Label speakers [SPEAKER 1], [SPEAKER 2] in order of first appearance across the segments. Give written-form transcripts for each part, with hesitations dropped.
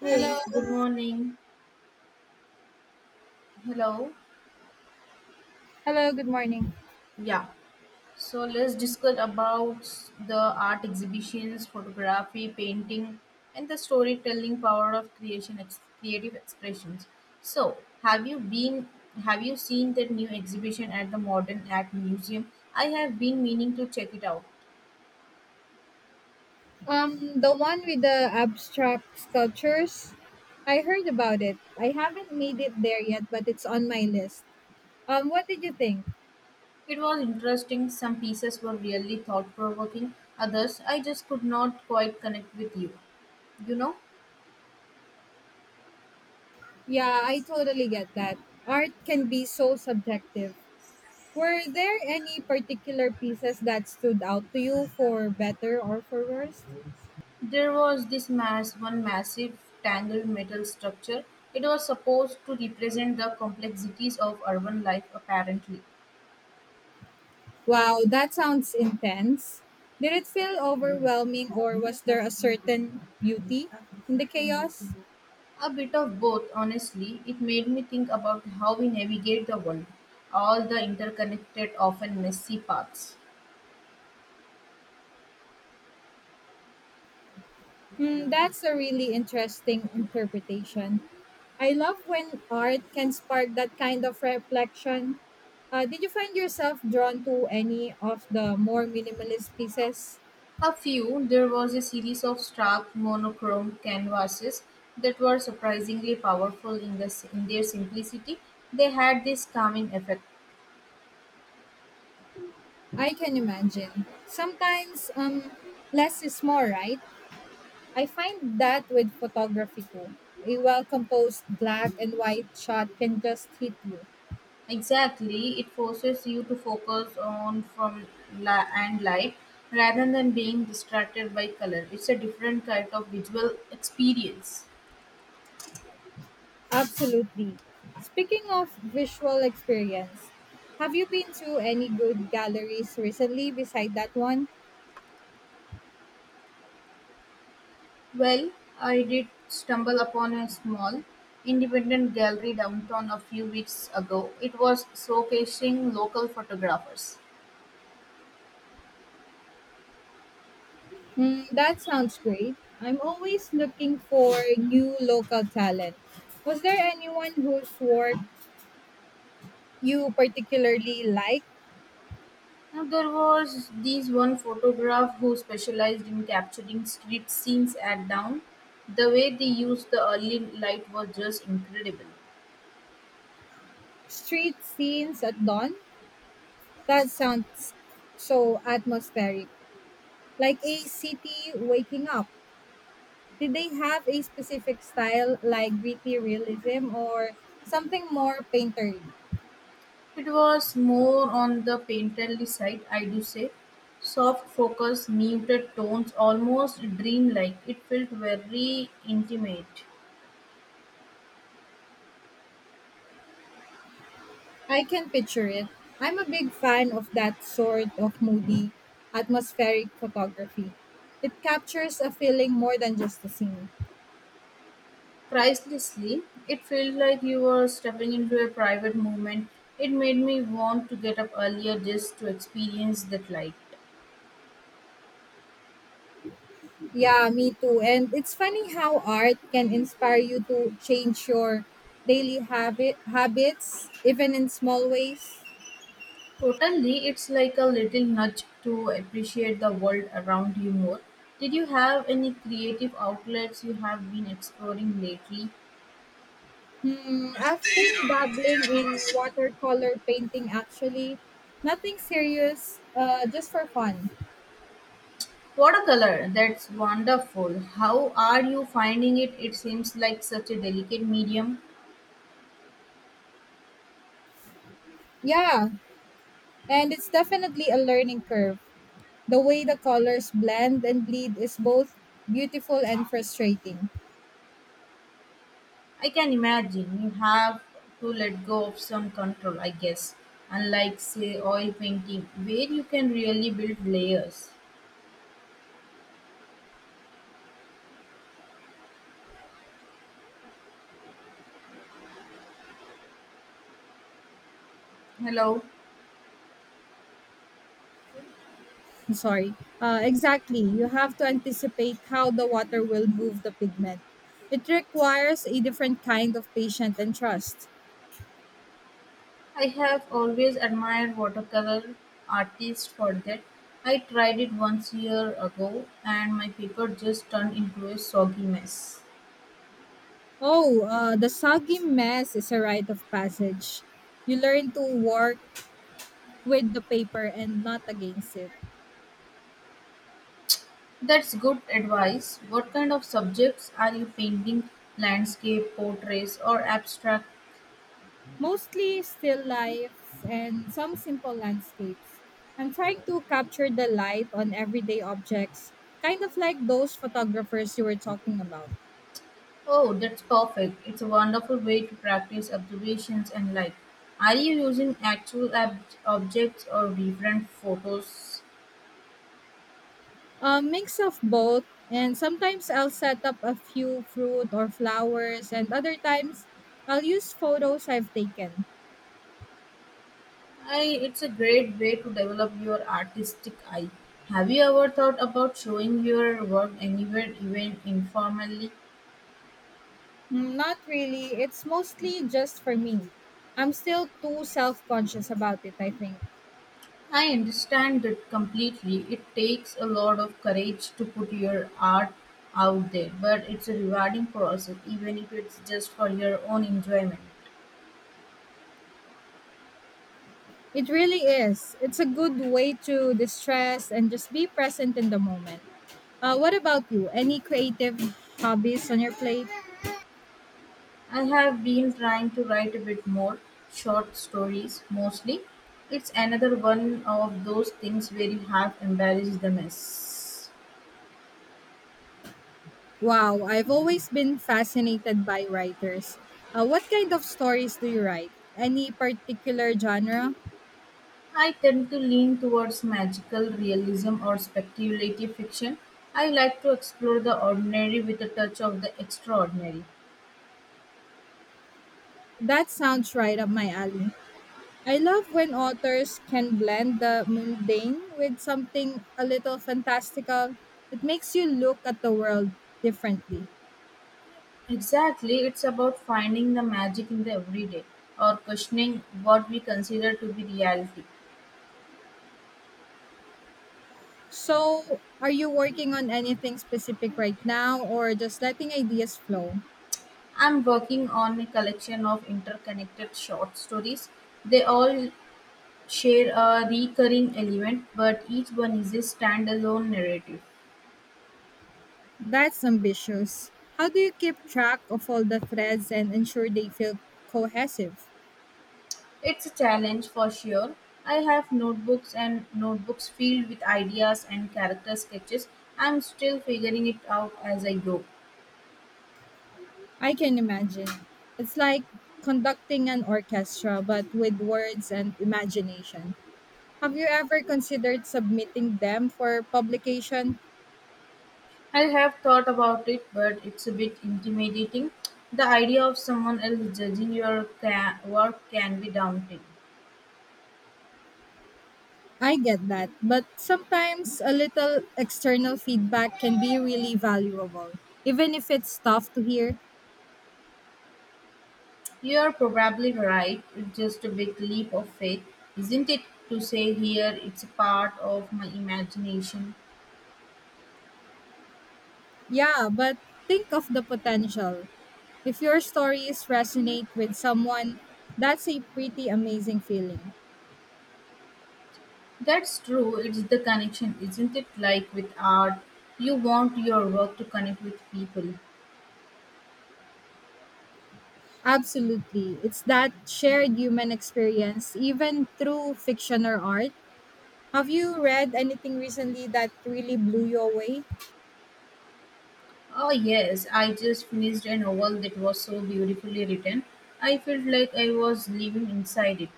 [SPEAKER 1] Hey,
[SPEAKER 2] Hello,
[SPEAKER 1] good morning. Hello.
[SPEAKER 2] hello, good morning.
[SPEAKER 1] Yeah. So let's discuss about the art exhibitions, photography, painting, and the storytelling power of creation, creative expressions. So, have you been? Have you seen that new exhibition at the Modern Art Museum? I have been meaning to check it out.
[SPEAKER 2] The one with the abstract sculptures, I heard about it. I haven't made it there yet, but it's on my list. What did you think?
[SPEAKER 1] It was interesting. Some pieces were really thought-provoking. Others, I just could not quite connect with you. You know.
[SPEAKER 2] Yeah, I totally get that. Art can be so subjective. Were there any particular pieces that stood out to you for better or for worse?
[SPEAKER 1] There was one massive tangled metal structure. It was supposed to represent the complexities of urban life, apparently.
[SPEAKER 2] Wow, that sounds intense. Did it feel overwhelming or was there a certain beauty in the chaos?
[SPEAKER 1] A bit of both, honestly. It made me think about how we navigate the world, all the interconnected, often messy paths.
[SPEAKER 2] Mm, that's a really interesting interpretation. I love when art can spark that kind of reflection. Did you find yourself drawn to any of the more minimalist pieces?
[SPEAKER 1] A few, there was a series of stark monochrome canvases that were surprisingly powerful in their simplicity. They had this calming effect.
[SPEAKER 2] I can imagine. Sometimes less is more, right? I find that with photography too. A well composed black and white shot can just hit you.
[SPEAKER 1] Exactly, it forces you to focus on from and light rather than being distracted by color. It's a different kind of visual experience.
[SPEAKER 2] Absolutely. Speaking of visual experience, have you been to any good galleries recently beside that one?
[SPEAKER 1] Well, I did stumble upon a small independent gallery downtown a few weeks ago. It was showcasing local photographers.
[SPEAKER 2] Mm, that sounds great. I'm always looking for new local talent. Was there anyone whose work you particularly liked?
[SPEAKER 1] Now there was this one photograph who specialized in capturing street scenes at down. The way they used the early light was just incredible.
[SPEAKER 2] Street scenes at dawn? That sounds so atmospheric, like a city waking up. Did they have a specific style like gritty realism or something more painterly?
[SPEAKER 1] It was more on the painterly side, I do say: soft focus, muted tones, almost dreamlike. It felt very intimate.
[SPEAKER 2] I can picture it. I'm a big fan of that sort of moody, atmospheric photography. It captures a feeling more than just a scene.
[SPEAKER 1] Pricelessly, it felt like you were stepping into a private moment. It made me want to get up earlier just to experience that light.
[SPEAKER 2] Yeah, me too. And it's funny how art can inspire you to change your daily habits even in small ways.
[SPEAKER 1] Totally, it's like a little nudge to appreciate the world around you more. Did you have any creative outlets you have been exploring lately?
[SPEAKER 2] Hmm, I've been dabbling in watercolor painting actually. Nothing serious, just for fun.
[SPEAKER 1] Watercolor, that's wonderful. How are you finding it? It seems like such a delicate medium.
[SPEAKER 2] Yeah, and it's definitely a learning curve. The way the colors blend and bleed is both beautiful and frustrating.
[SPEAKER 1] I can imagine you have to let go of some control, I guess. Unlike, say, oil painting, where you can really build layers. Hello,
[SPEAKER 2] Sorry. Exactly. You have to anticipate how the water will move the pigment. It requires a different kind of patience and trust.
[SPEAKER 1] I have always admired watercolor artists for that. I tried it once year ago and my paper just turned into a soggy mess.
[SPEAKER 2] Oh, the soggy mess is a rite of passage. You learn to work with the paper and not against it.
[SPEAKER 1] That's good advice. What kind of subjects are you painting? Landscape, portraits, or abstract?
[SPEAKER 2] Mostly still lifes and some simple landscapes. I'm trying to capture the light on everyday objects, kind of like those photographers you were talking about.
[SPEAKER 1] Oh, that's perfect. It's a wonderful way to practice observations and light. Are you using actual objects or different photos?
[SPEAKER 2] A mix of both, and sometimes I'll set up a few fruit or flowers, and other times I'll use photos I've taken.
[SPEAKER 1] It's a great way to develop your artistic eye. Have you ever thought about showing your work anywhere, even informally?
[SPEAKER 2] Mm, not really, it's mostly just for me. I'm still too self conscious about it, I think.
[SPEAKER 1] I understand it completely. It takes a lot of courage to put your art out there, but it's a rewarding process, even if it's just for your own enjoyment.
[SPEAKER 2] It really is. It's a good way to distress and just be present in the moment. What about you? Any creative hobbies on your plate?
[SPEAKER 1] I have been trying to write a bit more short stories mostly. It's another one of those things where you have embarrassed the mess.
[SPEAKER 2] Wow, I've always been fascinated by writers. What kind of stories do you write? Any particular genre?
[SPEAKER 1] I tend to lean towards magical realism or speculative fiction. I like to explore the ordinary with a touch of the extraordinary.
[SPEAKER 2] That sounds right up my alley. I love when authors can blend the mundane with something a little fantastical. It makes you look at the world differently.
[SPEAKER 1] Exactly, it's about finding the magic in the everyday or questioning what we consider to be reality.
[SPEAKER 2] So, are you working on anything specific right now or just letting ideas flow?
[SPEAKER 1] I'm working on a collection of interconnected short stories. They all share a recurring element, but each one is a standalone narrative.
[SPEAKER 2] That's ambitious. How do you keep track of all the threads and ensure they feel cohesive?
[SPEAKER 1] It's a challenge for sure. I have notebooks and notebooks filled with ideas and character sketches. I'm still figuring it out as I go.
[SPEAKER 2] I can imagine. It's like conducting an orchestra but with words and imagination. Have you ever considered submitting them for publication?
[SPEAKER 1] I have thought about it, but it's a bit intimidating. The idea of someone else judging your work can be daunting.
[SPEAKER 2] I get that, but sometimes a little external feedback can be really valuable, even if it's tough to hear.
[SPEAKER 1] You're probably right, it's just a big leap of faith, isn't it? To say here it's a part of my imagination.
[SPEAKER 2] Yeah, but think of the potential. If your stories resonate with someone, that's a pretty amazing feeling.
[SPEAKER 1] That's true, it's the connection, isn't it? Like with art, you want your work to connect with people.
[SPEAKER 2] Absolutely. It's that shared human experience, even through fiction or art. Have you read anything recently that really blew you away?
[SPEAKER 1] Oh, yes, I just finished a novel that was so beautifully written. I felt like I was living inside it.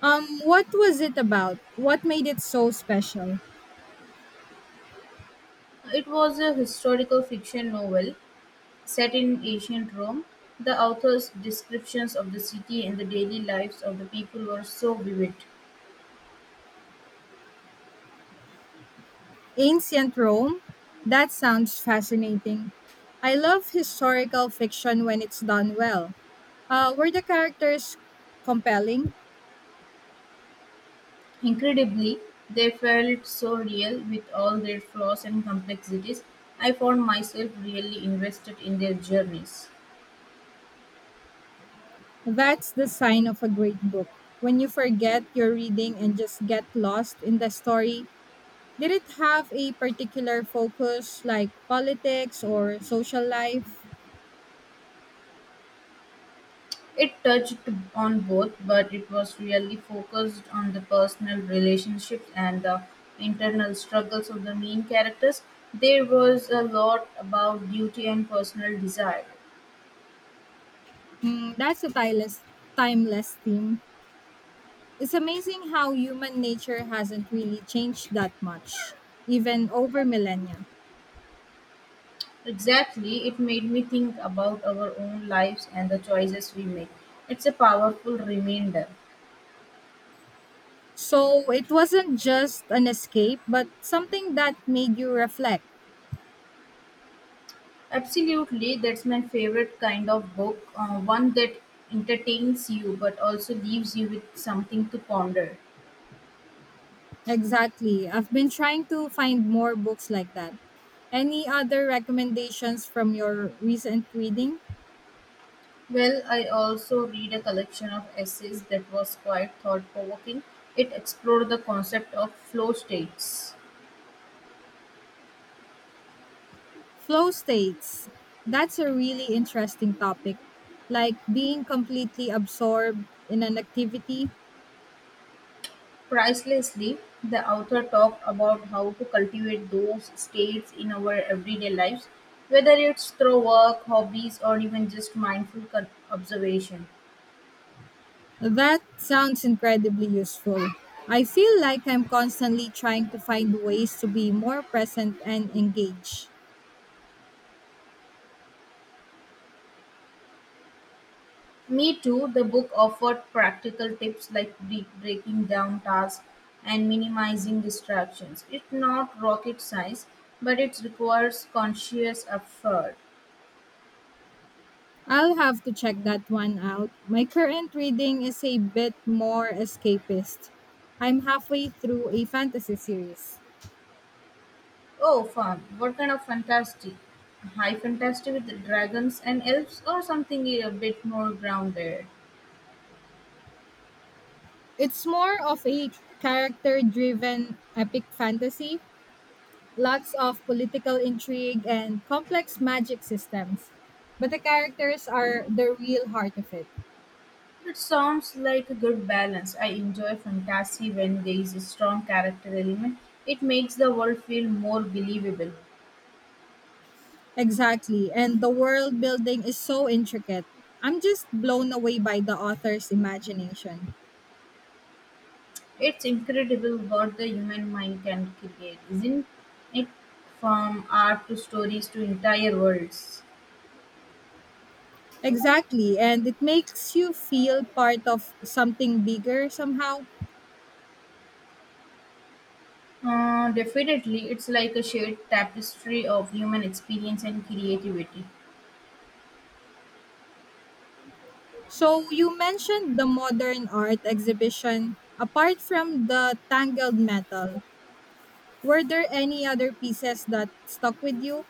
[SPEAKER 2] What was it about? What made it so special?
[SPEAKER 1] It was a historical fiction novel set in ancient Rome; the author's descriptions of the city and the daily lives of the people were so vivid.
[SPEAKER 2] Ancient Rome? That sounds fascinating. I love historical fiction when it's done well. Were the characters compelling?
[SPEAKER 1] Incredibly, they felt so real with all their flaws and complexities. I found myself really invested in their journeys.
[SPEAKER 2] That's the sign of a great book. When you forget you're reading and just get lost in the story, did it have a particular focus like politics or social life?
[SPEAKER 1] It touched on both, but it was really focused on the personal relationships and the internal struggles of the main characters. There was a lot about duty and personal desire.
[SPEAKER 2] Mm, timeless theme. It's amazing how human nature hasn't really changed that much, even over millennia.
[SPEAKER 1] Exactly, it made me think about our own lives and the choices we make. It's a powerful reminder.
[SPEAKER 2] So it wasn't just an escape, but something that made you reflect.
[SPEAKER 1] Absolutely, that's my favorite kind of book, one that entertains you but also leaves you with something to ponder.
[SPEAKER 2] Exactly. I've been trying to find more books like that. Any other recommendations from your recent reading?
[SPEAKER 1] Well, I also read a collection of essays that was quite thought provoking. It explored the concept of flow states.
[SPEAKER 2] Flow states. That's a really interesting topic. Like being completely absorbed in an activity.
[SPEAKER 1] Pricelessly, the author talked about how to cultivate those states in our everyday lives, whether it's through work, hobbies, or even just mindful observation.
[SPEAKER 2] That sounds incredibly useful. I feel like I'm constantly trying to find ways to be more present and engaged.
[SPEAKER 1] Me Too, the book offered practical tips like breaking down tasks and minimizing distractions. It's not rocket science, but it requires conscious effort.
[SPEAKER 2] I'll have to check that one out. My current reading is a bit more escapist. I'm halfway through a fantasy series.
[SPEAKER 1] Oh, fun. What kind of fantasy? High fantasy with dragons and elves, or something a bit more grounded?
[SPEAKER 2] It's more of a character driven epic fantasy, lots of political intrigue and complex magic systems. But the characters are the real heart of it.
[SPEAKER 1] It sounds like a good balance. I enjoy fantasy when there is a strong character element. It makes the world feel more believable.
[SPEAKER 2] Exactly, and the world building is so intricate. I'm just blown away by the author's imagination.
[SPEAKER 1] It's incredible what the human mind can create, isn't it? From art to stories to entire worlds.
[SPEAKER 2] Exactly. And it makes you feel part of something bigger somehow.
[SPEAKER 1] Definitely, it's like a shared tapestry of human experience and creativity.
[SPEAKER 2] So you mentioned the modern art exhibition. Apart from the tangled metal, were there any other pieces that stuck with you?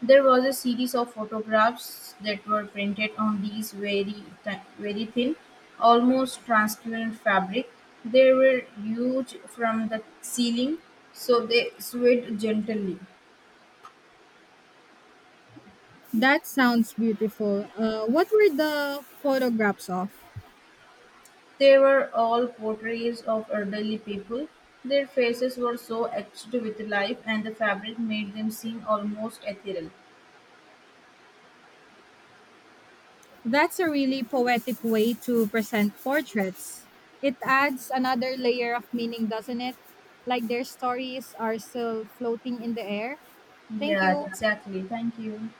[SPEAKER 1] There was a series of photographs that were printed on these very thin, almost transparent fabric. They were huge from the ceiling, so they swayed gently.
[SPEAKER 2] That sounds beautiful. What were the photographs of?
[SPEAKER 1] They were all portraits of elderly people. Their faces were so etched with life, and the fabric made them seem almost ethereal.
[SPEAKER 2] That's a really poetic way to present portraits. It adds another layer of meaning, doesn't it? Like their stories are still floating in the air. Thank
[SPEAKER 1] Yeah,
[SPEAKER 2] you.
[SPEAKER 1] exactly. Thank you.